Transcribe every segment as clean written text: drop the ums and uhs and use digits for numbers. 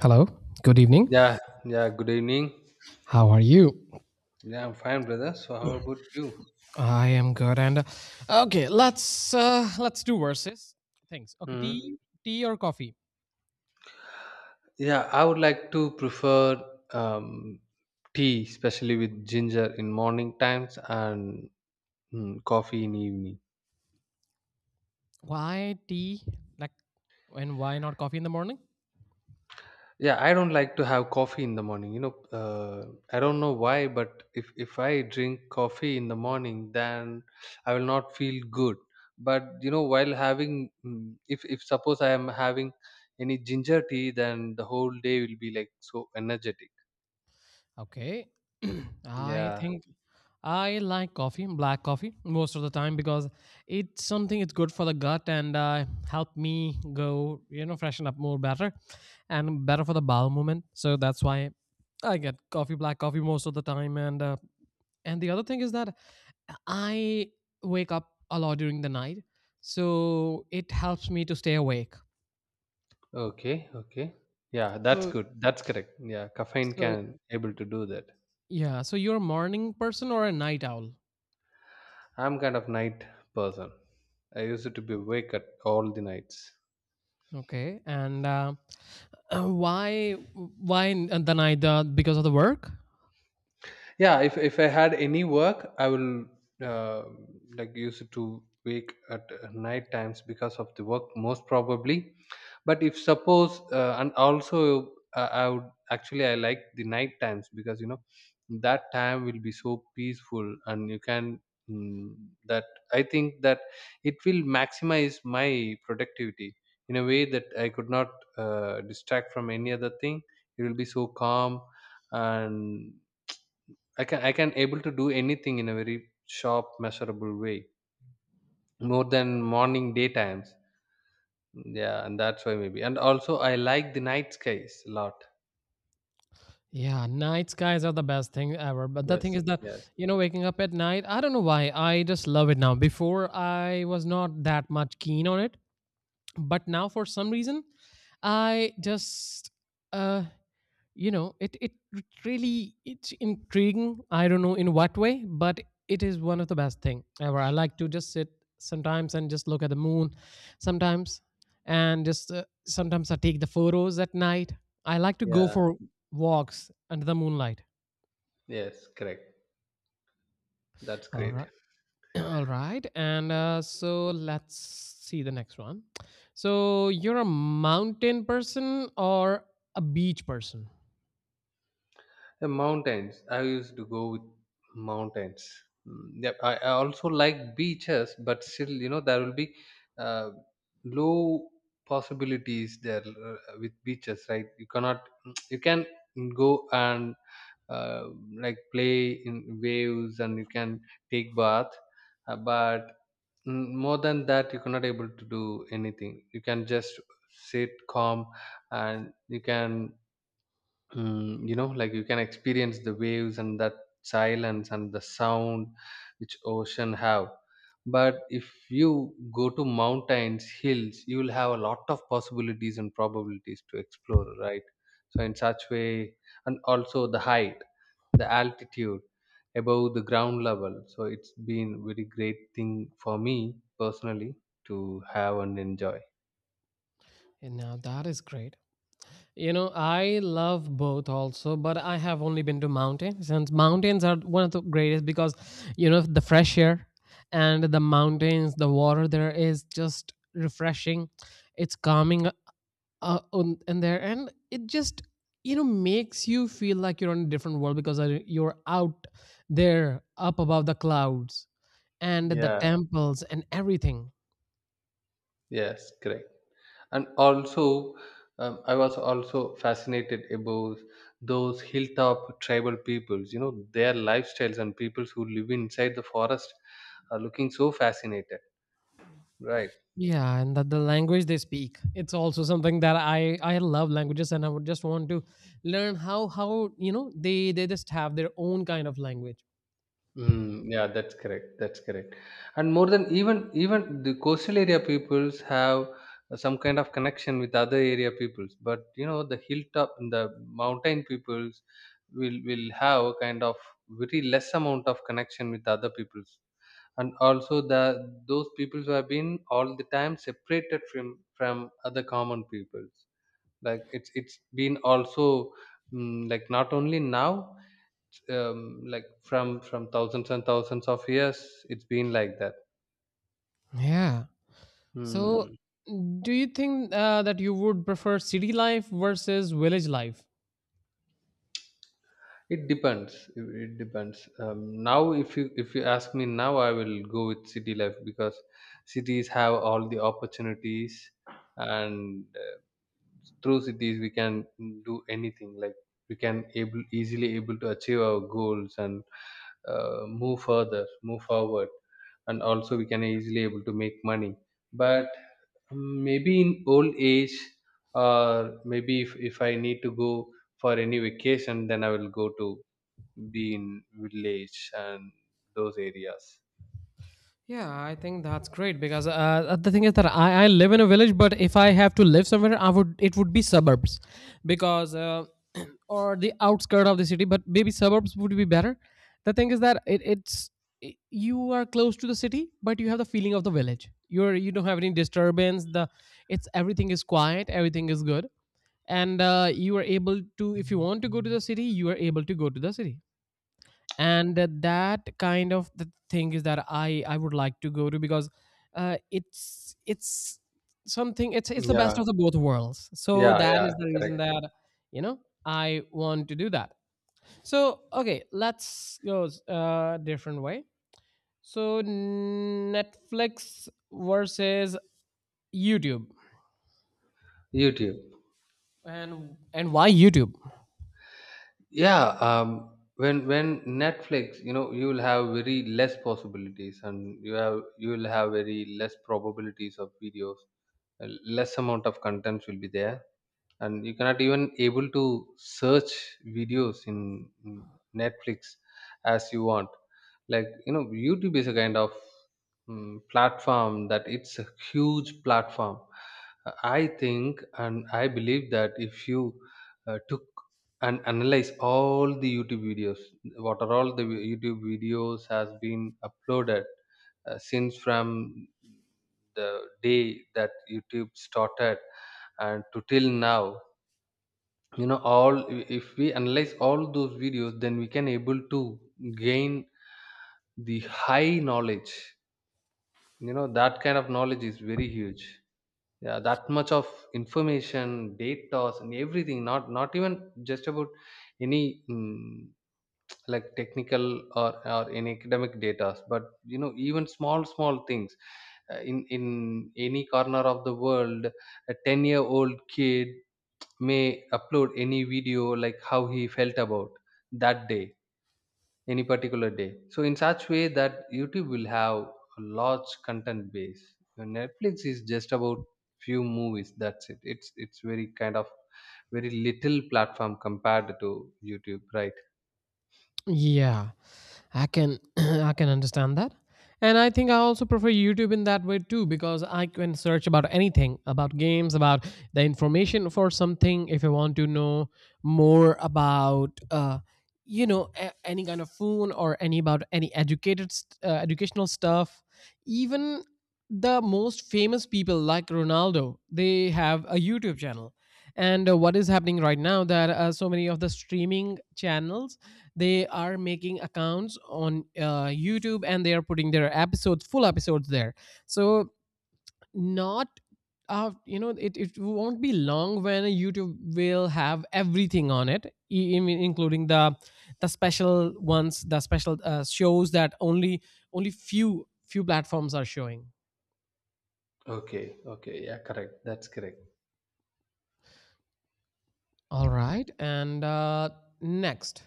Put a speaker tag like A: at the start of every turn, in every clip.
A: Hello. Good evening.
B: Yeah, yeah, good evening.
A: How are you?
B: Yeah, I'm fine, brother. So, how about you?
A: I am good. And let's do verses things. Okay,
B: Hmm.
A: tea or coffee?
B: Yeah, I would like to prefer um, tea, especially with ginger in morning times and coffee in evening.
A: Why tea? Like, and why not coffee in the morning?
B: Yeah, I don't like to have coffee in the morning. I don't know why, but if I drink coffee in the morning, then I will not feel good. But while having, if suppose I am having any ginger tea, then the whole day will be like so energetic.
A: Okay, I
B: Yeah.
A: think I like coffee, black coffee, most of the time because it's good for the gut and help me go, you know, freshen up more better, and better for the bowel movement. So that's why I get coffee, black coffee most of the time, and the other thing is that I wake up a lot during the night, so it helps me to stay awake.
B: Okay. Okay. Yeah, that's
A: So,
B: good. That's correct. Yeah, caffeine
A: so
B: can able to do that.
A: yeah. So you're a morning person or a night owl?
B: I'm kind of night person. I used to be awake at all the nights.
A: Okay. And why in the night? Because of the work?
B: Yeah, if I had any work I will uh, like use it to wake at night times because of the work most probably. But if suppose and also I would actually I like the night times, because that time will be so peaceful and you can, mm, that I think that it will maximize my productivity in a way that I could not distract from any other thing. It will be so calm, and I can able to do anything in a very sharp, measurable way, more than morning daytimes. Yeah, and that's why maybe. And also, I like the night skies a lot.
A: Yeah, night skies are the best thing ever. But the thing
B: Yes,
A: is that
B: yes,
A: you know, waking up at night, I don't know why. I just love it now. Before I was not that much keen on it, but now for some reason, I just uh you know it really it's intriguing. I don't know in what way, but it is one of the best thing ever. I like to just sit sometimes and just look at the moon sometimes and just sometimes I take the photos at night. I like to go
B: yeah,
A: for walks under the moonlight.
B: yes, correct. That's
A: All
B: great.
A: right, all right, and so let's see the next one. So you're a mountain person or a beach person?
B: The mountains. I used to go with mountains. Mm, yep. I also like beaches, but still, there will be uh, low possibilities there with beaches, right? You cannot. You can go and uh, like play in waves, and you can take bath, but more than that you cannot able to do anything. You can just sit calm, and you can, like you can experience the waves and that silence and the sound which ocean have. But if you go to mountains hills, you will have a lot of possibilities and probabilities to explore, right? So in such way, and also the height, the altitude above the ground level, so it's been very great thing for me personally to have and enjoy.
A: And now that is great. You know, I love both also, but I have only been to mountains, and mountains are one of the greatest because, you know, the fresh air and the mountains, the water there is just refreshing. It's calming in there, and it just, you know, makes you feel like you're on a different world because you're out there up above the clouds and the
B: Yeah,
A: temples and everything.
B: yes, correct. And also I was also fascinated about those hilltop tribal peoples, their lifestyles. And peoples who live inside the forest are looking so fascinated, right?
A: Yeah, and that the language they speak. It's also something that I love languages, and I would just want to learn how you know they just have their own kind of language.
B: Mm, yeah, that's correct. That's correct. And more than even the coastal area peoples have some kind of connection with other area peoples, but the hilltop and the mountain peoples will have a kind of very less amount of connection with other peoples. And also the those people who have been all the time separated from other common peoples, like it's been also, like not only now, like from thousands and thousands of years it's been like that.
A: Yeah. So,
B: Hmm.
A: do you think that you would prefer city life versus village life?
B: It depends, it depends. Now if you ask me now, I will go with city life because cities have all the opportunities, and through cities we can do anything. Like, we can able, easily able to achieve our goals, and move forward, and also we can easily able to make money. But maybe in old age, or maybe if I need to go for any vacation, then I will go to be in village and those areas.
A: Yeah, I think that's great because the thing is that I live in a village, but if I have to live somewhere, I would it would be suburbs, because or the outskirt of the city, but maybe suburbs would be better. The thing is that it's I you are close to the city, but you have the feeling of the village. You're you don't have any disturbance. The it's everything is quiet, everything is good, and you are able to if you want to go to the city, you are able to go to the city, and that kind of the thing is that I would like to go to because it's something it's the best
B: Yeah,
A: of the both worlds, so
B: yeah,
A: that
B: yeah,
A: is the reason
B: correct.
A: that you know I want to do that. So okay, let's go a different way. So Netflix versus YouTube?
B: YouTube.
A: And why YouTube?
B: Yeah, when Netflix, you will have very less possibilities, and you will have very less probabilities of videos, less amount of contents will be there. And you cannot even able to search videos in Netflix, as you want. Like, YouTube is a kind of, platform, that it's a huge platform. Uh, I think and I believe that if you took and analyze all the YouTube videos, what are all the YouTube videos has been uploaded since from the day that YouTube started and to till now, all, if we analyze all those videos, then we can able to gain the high knowledge. That kind of knowledge is very huge. Yeah, that much of information, data, and everything. Not even just about any, like technical or in academic data. But even small small things. In any corner of the world, a 10-year-old kid may upload any video like how he felt about that day, any particular day. So in such way, that YouTube will have a large content base. Your Netflix is just about few movies, that's it. It's very kind of, very little platform compared to YouTube, right?
A: Yeah, I can I can understand that. And I think I also prefer YouTube in that way too because I can search about anything, about games, about the information for something if I want to know more about you know any kind of phone, or any about any educational stuff. Even the most famous people like Ronaldo, they have a YouTube channel, and what is happening right now that so many of the streaming channels, they are making accounts on YouTube, and they are putting their episodes, full episodes there. So not you know, it won't be long when YouTube will have everything on it, including the special ones, the special shows that only only few platforms are showing.
B: Okay, okay, yeah, correct. That's correct.
A: All right. And next,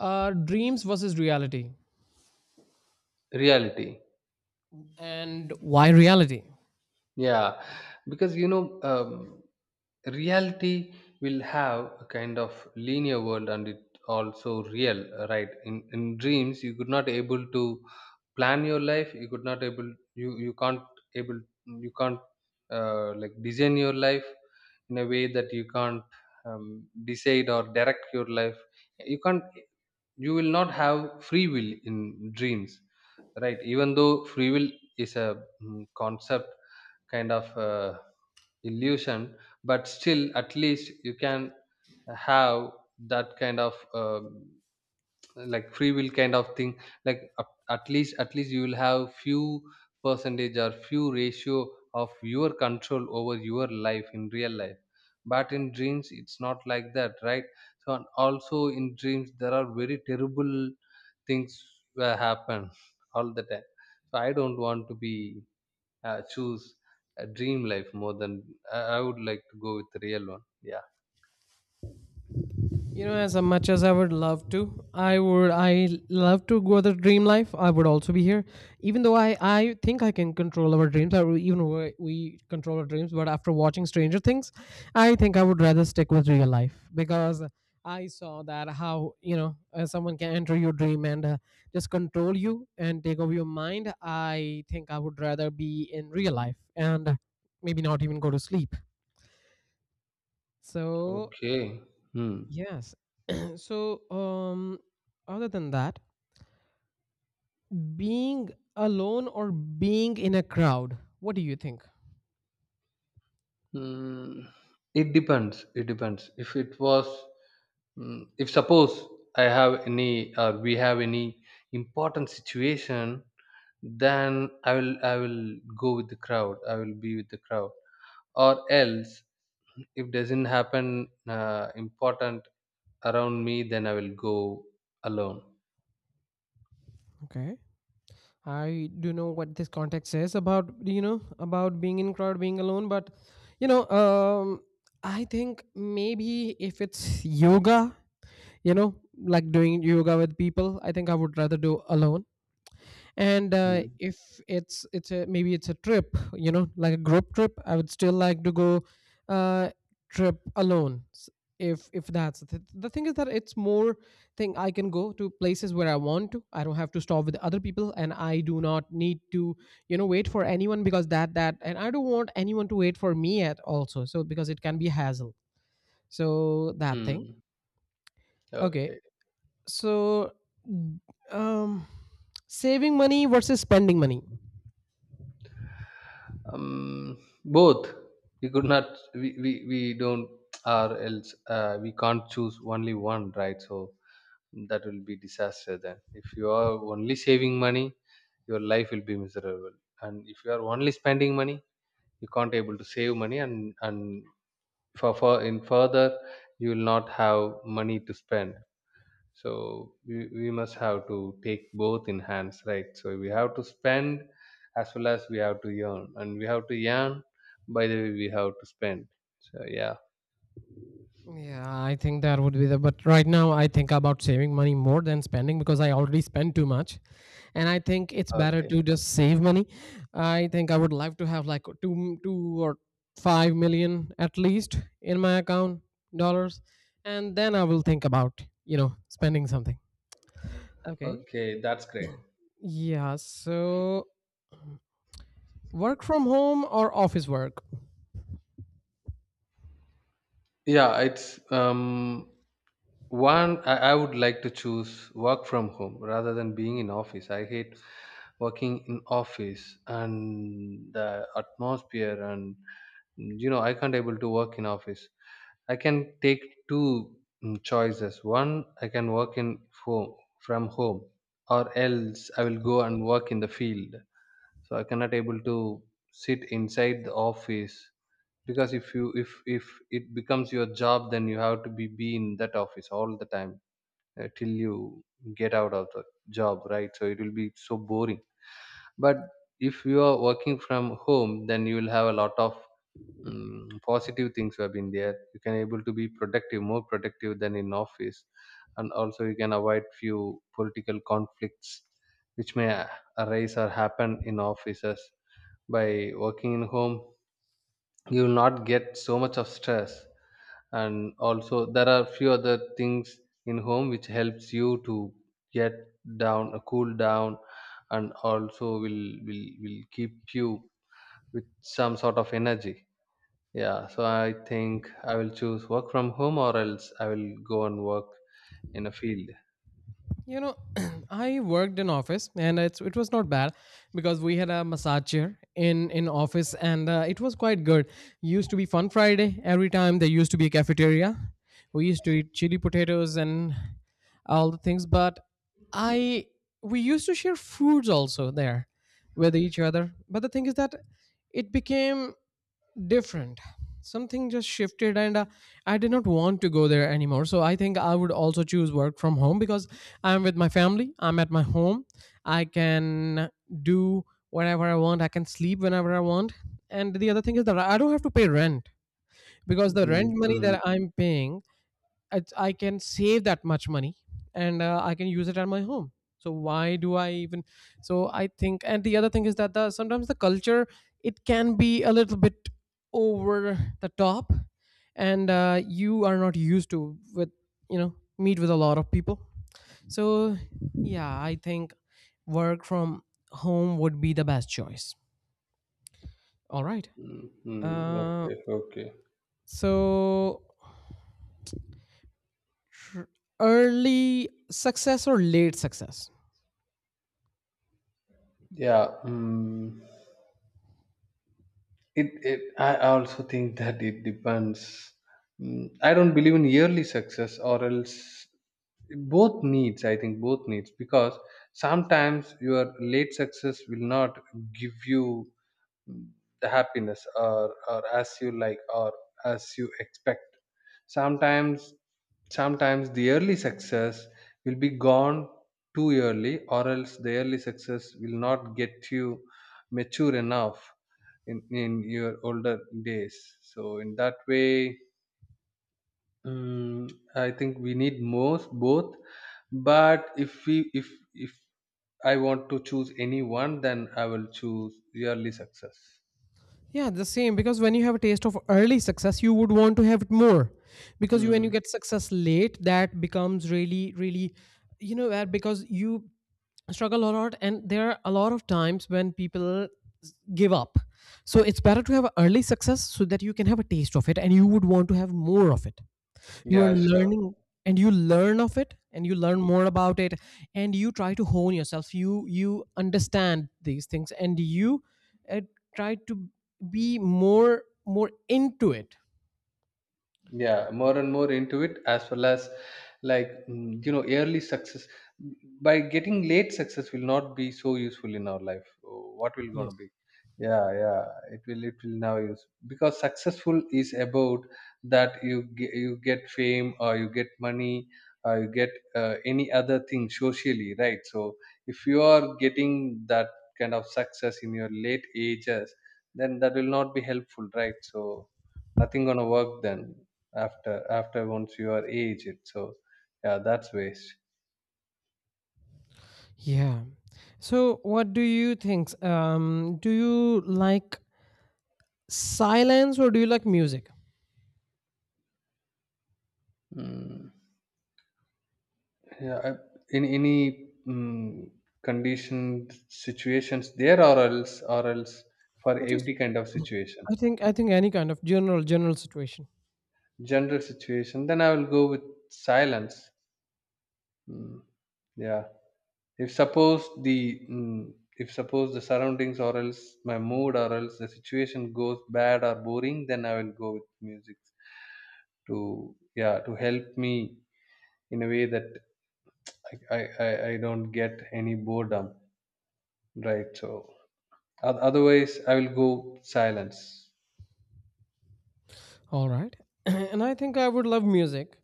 A: dreams versus reality.
B: Reality.
A: And why reality?
B: Yeah, because reality will have a kind of linear world, and it also real, right? In dreams, you could not able to plan your life. You could not able, you can't able, you can't, like design your life in a way that you can't decide or direct your life. You can't. You will not have free will in dreams, right? Even though free will is a, concept, kind of illusion. But still, at least you can have that kind of like free will kind of thing. Like, at least you will have few percentage or few ratio of your control over your life in real life. But in dreams it's not like that, right? So, and also in dreams there are very terrible things will happen all the time. So I don't want to be choose a dream life more than, I would like to go with the real one. Yeah.
A: You know, as much as I would love to, I love to go the dream life. I would also be here, even though I think I can control our dreams. I even we control our dreams, but after watching Stranger Things, I think I would rather stick with real life because I saw that how you know someone can enter your dream and just control you and take over your mind. I think I would rather be in real life and maybe not even go to sleep. So
B: Okay. Hmm.
A: yes, so, um, other than that, being alone or being in a crowd, what do you think?
B: Mm, it depends. It depends. If it was, if suppose I have any, or we have any important situation, then I will go with the crowd. I will be with the crowd. Or else, if doesn't happen important around me, then I will go alone.
A: Okay, I do know what this context says about you know, about being in crowd, being alone, but you know, I think maybe if it's yoga, you know, like doing yoga with people, I think I would rather do alone, and
B: Mm.
A: if it's a maybe it's a trip, you know, like a group trip, I would still like to go uh trip alone. If that's the thing is that it's more thing I can go to places where I want to. I don't have to stop with other people, and I do not need to you know wait for anyone, because that, and I don't want anyone to wait for me at also, so because it can be hassle. So that thing.
B: Mm.
A: Okay,
B: Okay.
A: so mm, um, saving money versus spending money?
B: Um, Both. We could not. We don't, or else we can't choose only one, right? So that will be disaster. Then, if you are only saving money, your life will be miserable. And if you are only spending money, you can't able to save money, and for in further, you will not have money to spend. So we must have to take both in hands, right? So we have to spend, as well as we have to earn, and we have to earn, by the way we have to spend. So yeah.
A: Yeah, I think that would be the. But right now, I think about saving money more than spending because I already spend too much, and I think it's better
B: Okay.
A: to just save money. I think I would like to have like 2 or 5 million at least in my account, dollars, and then I will think about you know spending something. Okay.
B: Okay, that's great.
A: Yeah. So work from home or office work?
B: Yeah, it's, one, I would like to choose work from home rather than being in office. I hate working in office and the atmosphere, and I can't able to work in office. I can take two, choices. One, I can work in home, from home, or else I will go and work in the field. So I cannot able to sit inside the office because if it becomes your job, then you have to be in that office all the time, till you get out of the job, right? So it will be so boring. But if you are working from home, then you will have a lot of, positive things have been there. You can able to be productive, more productive than in office. And also you can avoid few political conflicts which may arise or happen in offices. By working in home, you will not get so much of stress. And also there are few other things in home which helps you to get down, cool down, and also will keep you with some sort of energy. Yeah, so I think I will choose work from home, or else I will go and work in a field.
A: You know, I worked in office and it was not bad because we had a massage chair in office and it was quite good. Used to be fun Friday every time. There used to be a cafeteria. We used to eat chili potatoes and all the things, but I we used to share foods also there with each other. But the thing is that it became different, something just shifted, and I did not want to go there anymore. So I think I would also choose work from home because I'm with my family, I'm at my home. I can do whatever I want. I can sleep whenever I want. And the other thing is that I don't have to pay rent, because the rent
B: Mm,
A: money
B: mm,
A: that I'm paying, it's, I can save that much money, and I can use it at my home. So why do I even? So I think, and the other thing is that the sometimes the culture, it can be a little bit over the top, and you are not used to with you know meet with a lot of people. So yeah, I think work from home would be the best choice. All right.
B: mm, mm.
A: Uh,
B: Okay, okay.
A: so tr- early success or late success?
B: Yeah, mm. I also think that it depends. I don't believe in yearly success, or else both needs, I think both needs, because sometimes your late success will not give you the happiness, or as you like or as you expect. Sometimes sometimes the early success will be gone too early, or else the early success will not get you mature enough in your older days. So in that way, I think we need most both. But if we if I want to choose any one, then I will choose early success.
A: Yeah, the same, because when you have a taste of early success, you would want to have it more. Because you when you
B: Hmm.
A: get success late, that becomes really, really, you know that because you struggle a lot, and there are a lot of times when people give up. So it's better to have early success so that you can have a taste of it, and you would want to have more of it. You are
B: Yeah, sure.
A: learning, and you learn of it, and you learn more about it, and you try to hone yourself. You understand these things, and you uh, try to be more into it.
B: Yeah, more and more into it as well as like, early success by getting late success will not be so useful in our life. Oh, what will going
A: Yes.
B: to be. Yeah, yeah. It will now use because successful is about that you you get fame, or you get money, or you get any other thing socially, right? So if you are getting that kind of success in your late ages, then that will not be helpful, right? So nothing gonna work then, after once you are aged. So yeah, that's waste.
A: Yeah, so what do you think, um, do you like silence or do you like music?
B: Mm. Yeah, in any conditioned situations there, or else for
A: i just
B: every kind of situation.
A: I think any kind of general situation.
B: General situation, then I will go with silence. Mm. Yeah. if suppose the mm, if suppose the surroundings or else my mood or else the situation goes bad or boring, then I will go with music to, yeah, to help me in a way that I don't get any boredom, right? So otherwise, I will go silence.
A: All right. And I think I would love music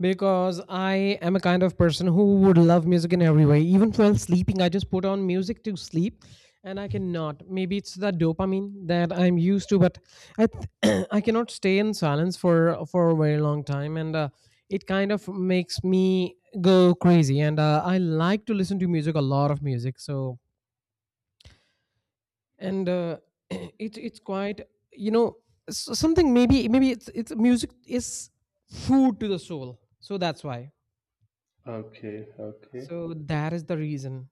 A: because I am a kind of person who would love music in every way. Even while sleeping, I just put on music to sleep, and I cannot. Maybe it's the dopamine that I'm used to, but I cannot stay in silence for a very long time. And it kind of makes me go crazy. And I like to listen to music, a lot of music. So and it's quite you know something. Maybe it's music is food to the soul, so that's why,
B: Okay, okay.
A: so that is the reason.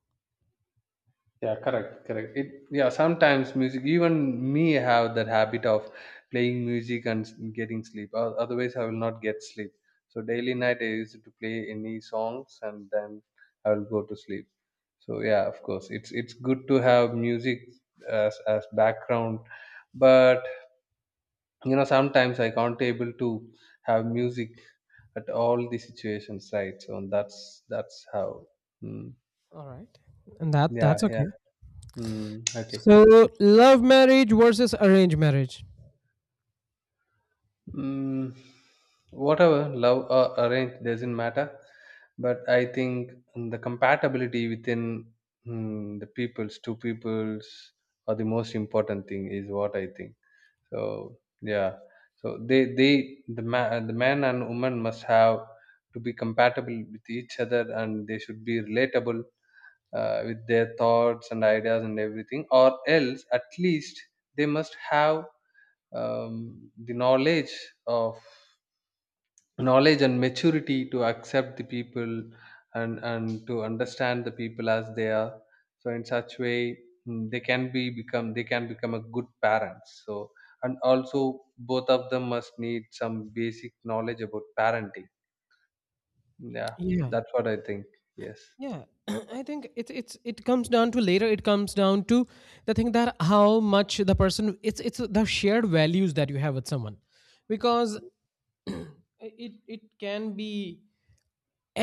B: Yeah, correct, correct. It Yeah. Sometimes music. Even me have that habit of playing music and getting sleep. Otherwise, I will not get sleep. So daily night I used to play any songs, and then I will go to sleep. So yeah, of course, it's good to have music as background, but sometimes I can't able to have music at all the situations, right? So that's how. Mm.
A: All right, and that
B: Yeah,
A: that's
B: yeah.
A: okay.
B: Mm, okay.
A: So love marriage versus arranged marriage.
B: mm, Whatever love or arrange doesn't matter, but I think the compatibility within, the peoples two peoples, are the most important thing is what I think. So yeah, so they the man and woman must have to be compatible with each other, and they should be relatable with their thoughts and ideas and everything. Or else, at least they must have the knowledge of knowledge and maturity to accept the people, and to understand the people as they are. So in such way, they can become a good parents. So and also both of them must need some basic knowledge about parenting. Yeah,
A: Yeah,
B: that's what I think. Yes.
A: yeah. I think it comes down to later, it comes down to the thing that how much the person, it's the shared values that you have with someone. Because
B: Mm.
A: it can be.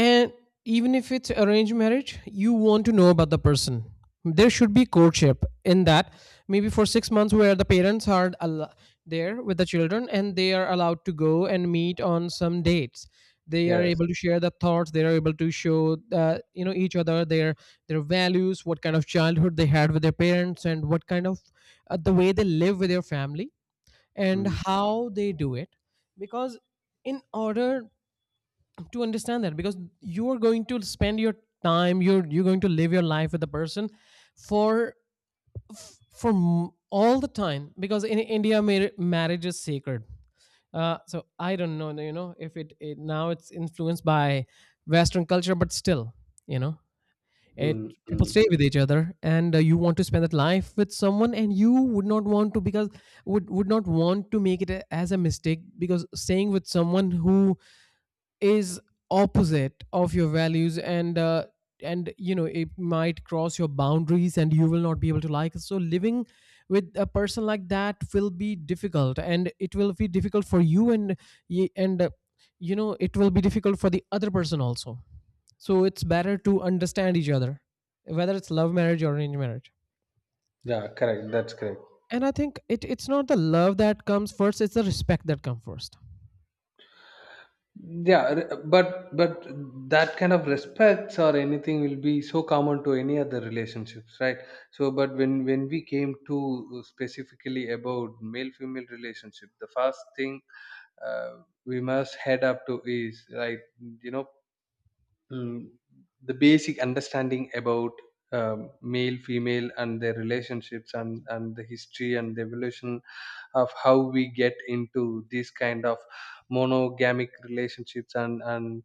A: And even if it's arranged marriage, you want to know about the person. There should be courtship in that. Maybe for 6 months, where the parents are there with the children and they are allowed to go and meet on some dates. They are
B: Yes.
A: able to share the thoughts. They are able to show, each other their values, what kind of childhood they had with their parents, and what kind of, the way they live with their family, and
B: mm,
A: how they do it. Because in order to understand that, because you are going to spend your time, you're going to live your life with the person, for all the time, because in India marriage is sacred. So I don't know, you know, if it, it now it's influenced by Western culture, but still, you know, it, people stay
B: mm.
A: with each other. And you want to spend that life with someone and you would not want to, because would not want to make it as a mistake, because staying with someone who is opposite of your values, and and you know, it might cross your boundaries and you will not be able to like it. So living with a person like that will be difficult, and it will be difficult for you, and y- and uh, you know, it will be difficult for the other person also. So it's better to understand each other, whether it's love marriage or arranged marriage.
B: Yeah, correct, that's correct.
A: And I think it it's not the love that comes first, it's the respect that comes first.
B: Yeah, but that kind of respects or anything will be so common to any other relationships, right? So but when we came to specifically about male female relationship, the first thing uh, we must head up to is like, you know mm, the basic understanding about male female and their relationships, and the history and the evolution of how we get into these kind of monogamic relationships, and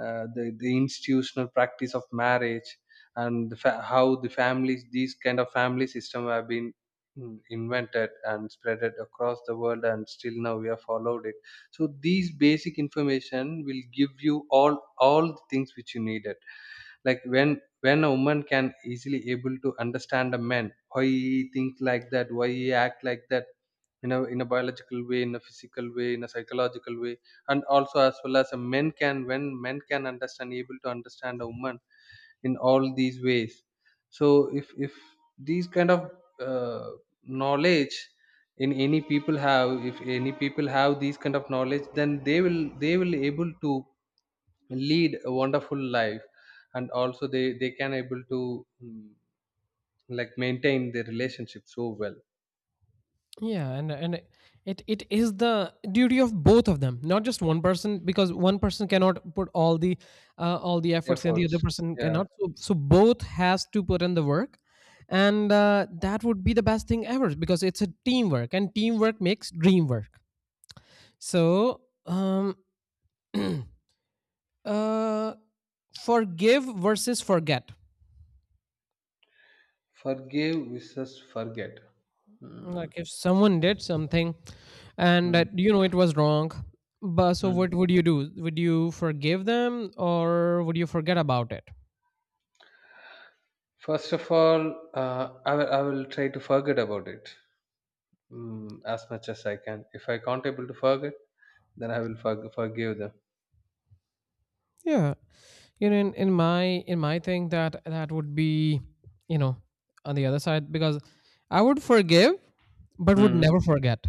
B: the institutional practice of marriage, and the how these kind of family system have been invented and spreaded across the world, and still now we have followed it. So these basic information will give you all the things which you needed. Like when a woman can easily able to understand a man, why he think like that, why he act like that, in a biological way, in a physical way, in a psychological way. And also, as well as a men can when men can understand able to understand a woman in all these ways. So if these kind of uh, knowledge, in any people have if any people have these kind of knowledge, then they will able to lead a wonderful life. And also they can able to mm, like maintain their relationship so well.
A: Yeah. And it it is the duty of both of them, not just one person, because one person cannot put all the efforts and the other
B: Efforts,
A: person
B: yeah.
A: cannot, so, so both has to put in the work. And that would be the best thing ever, because it's a teamwork and teamwork makes dream work. So um uh forgive versus forget.
B: Forgive versus forget. Mm,
A: Like if someone did something and
B: mm,
A: that, you know, it was wrong, but so
B: mm.
A: what would you do? Would you forgive them or would you forget about it?
B: First of all, I will try to forget about it. As much as I can. If I can't able to forget, then I will forgive them.
A: Yeah. You know, in my thing, that that would be, you know, on the other side, because I would forgive but would
B: Hmm.
A: never forget.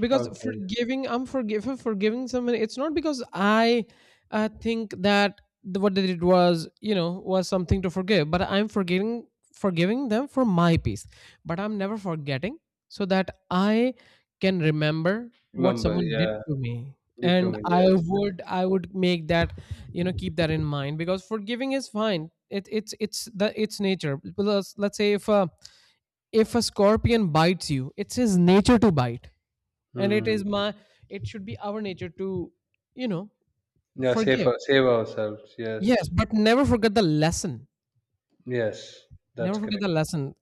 A: Because
B: Okay.
A: forgiving someone, it's not because I, think that the, what they did was, you know, was something to forgive, but I'm forgiving them for my peace, but I'm never forgetting, so that I can remember what
B: Remember,
A: someone did
B: yeah,
A: to me.
B: did to
A: And
B: me,
A: i
B: yes.
A: would i would make that, you know, keep that in mind, because forgiving is fine. It's the it's nature. Because let's say if a scorpion bites you, it's his nature to bite, and it
B: Hmm.
A: is my, it should be our nature to, you know,
B: Yeah,
A: forgive,
B: save ourselves. Yes,
A: yes, but never forget the lesson.
B: yes,
A: Never
B: that's
A: forget
B: correct.
A: the lesson.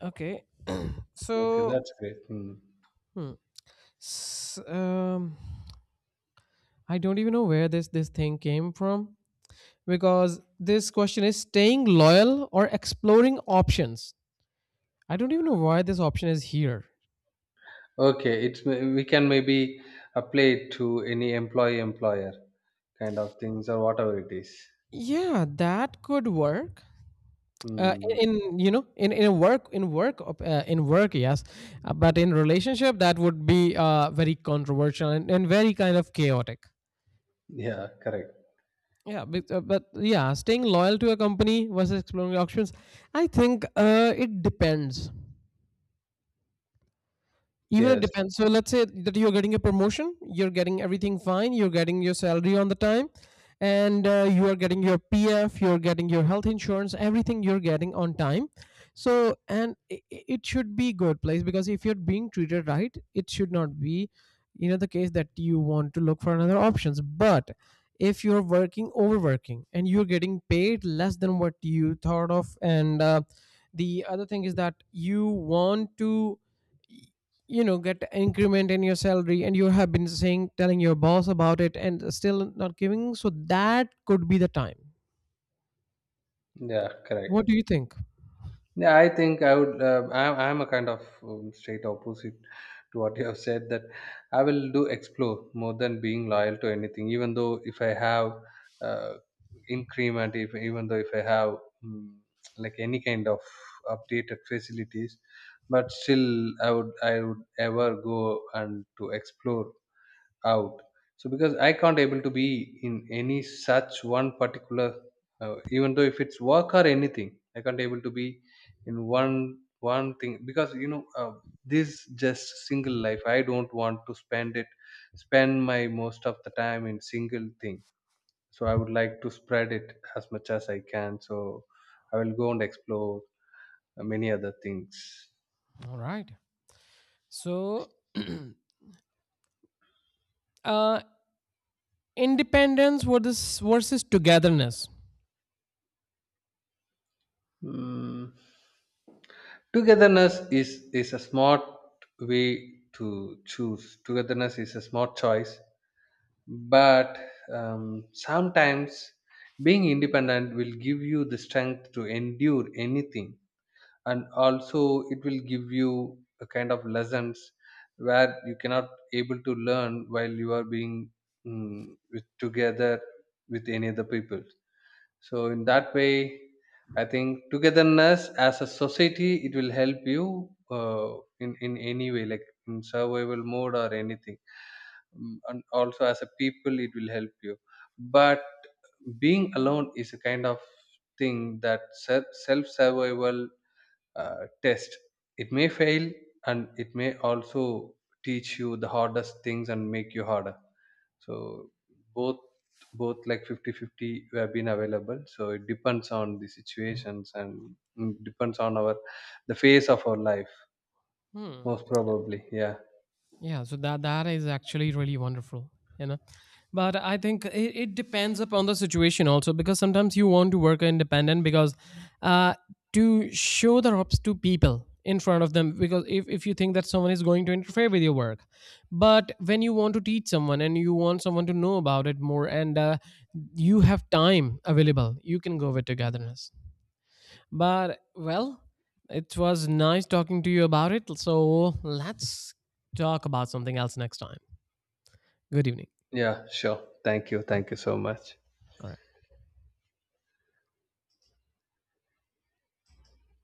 A: Okay.
B: Okay,
A: So,
B: that's great. Hmm.
A: hmm, s- um, I don't even know where this thing came from, because this question is staying loyal or exploring options. I don't even know why this option is here.
B: Okay, we can maybe apply it to any employee employer kind of things, or whatever it is.
A: Yeah, that could work. Uh, in,
B: Hmm.
A: in you know, in a work, in work in work, yes. But in relationship that would be, very controversial, and very kind of chaotic.
B: Yeah, correct.
A: Yeah, but, yeah, staying loyal to a company versus exploring options. I think, it depends. Even it
B: Yes.
A: depends. So let's say that you're getting a promotion, you're getting everything fine, you're getting your salary on the time, and you are getting your PF, you're getting your health insurance, everything you're getting on time. So, and it should be good place, because if you're being treated right, it should not be, you know, the case that you want to look for another options. But if you're working overworking and you're getting paid less than what you thought of, and the other thing is that you want to, you know, get increment in your salary, and you have been saying telling your boss about it and still not giving, so that could be the time.
B: Yeah,
A: What
B: correct.
A: do you think?
B: Yeah, I think I would. I'm a kind of straight opposite to what you have said. That I will do explore more than being loyal to anything. Even though if I have uh, increment, if even though if I have um, like any kind of updated facilities, but still I would ever go and to explore out. So because I can't able to be in any such one particular, even though if it's work or anything, I can't able to be in one thing. Because this just single life, I don't want to spend my most of the time in single thing. So I would like to spread it as much as I can. So I will go and explore many other things.
A: All right. So, uh independence versus togetherness.
B: Mm. Togetherness is a smart way to choose. Togetherness is a smart choice. But um, sometimes being independent will give you the strength to endure anything. And also, it will give you a kind of lessons where you cannot able to learn while you are being, mm, with together with any other people. So in that way, I think togetherness, as a society, it will help you uh, in any way, like in survival mode or anything. And also, as a people, it will help you. But being alone is a kind of thing that self survival test. It may fail, and it may also teach you the hardest things, and make you harder. So both, like 50-50 have been available. So it depends on the situations, and depends on our the phase of our life.
A: Hmm.
B: Most probably, yeah.
A: Yeah, so that that is actually really wonderful, you know. But I think it, it depends upon the situation also, because sometimes you want to work independent because, uh, to show the ropes to people in front of them, because if you think that someone is going to interfere with your work. But when you want to teach someone and you want someone to know about it more, and you have time available, you can go with togetherness. But well, it was nice talking to you about it. So let's talk about something else next time. Good evening.
B: Yeah, sure, thank you,
A: All
B: thank
A: right.
B: you so much.
A: All right.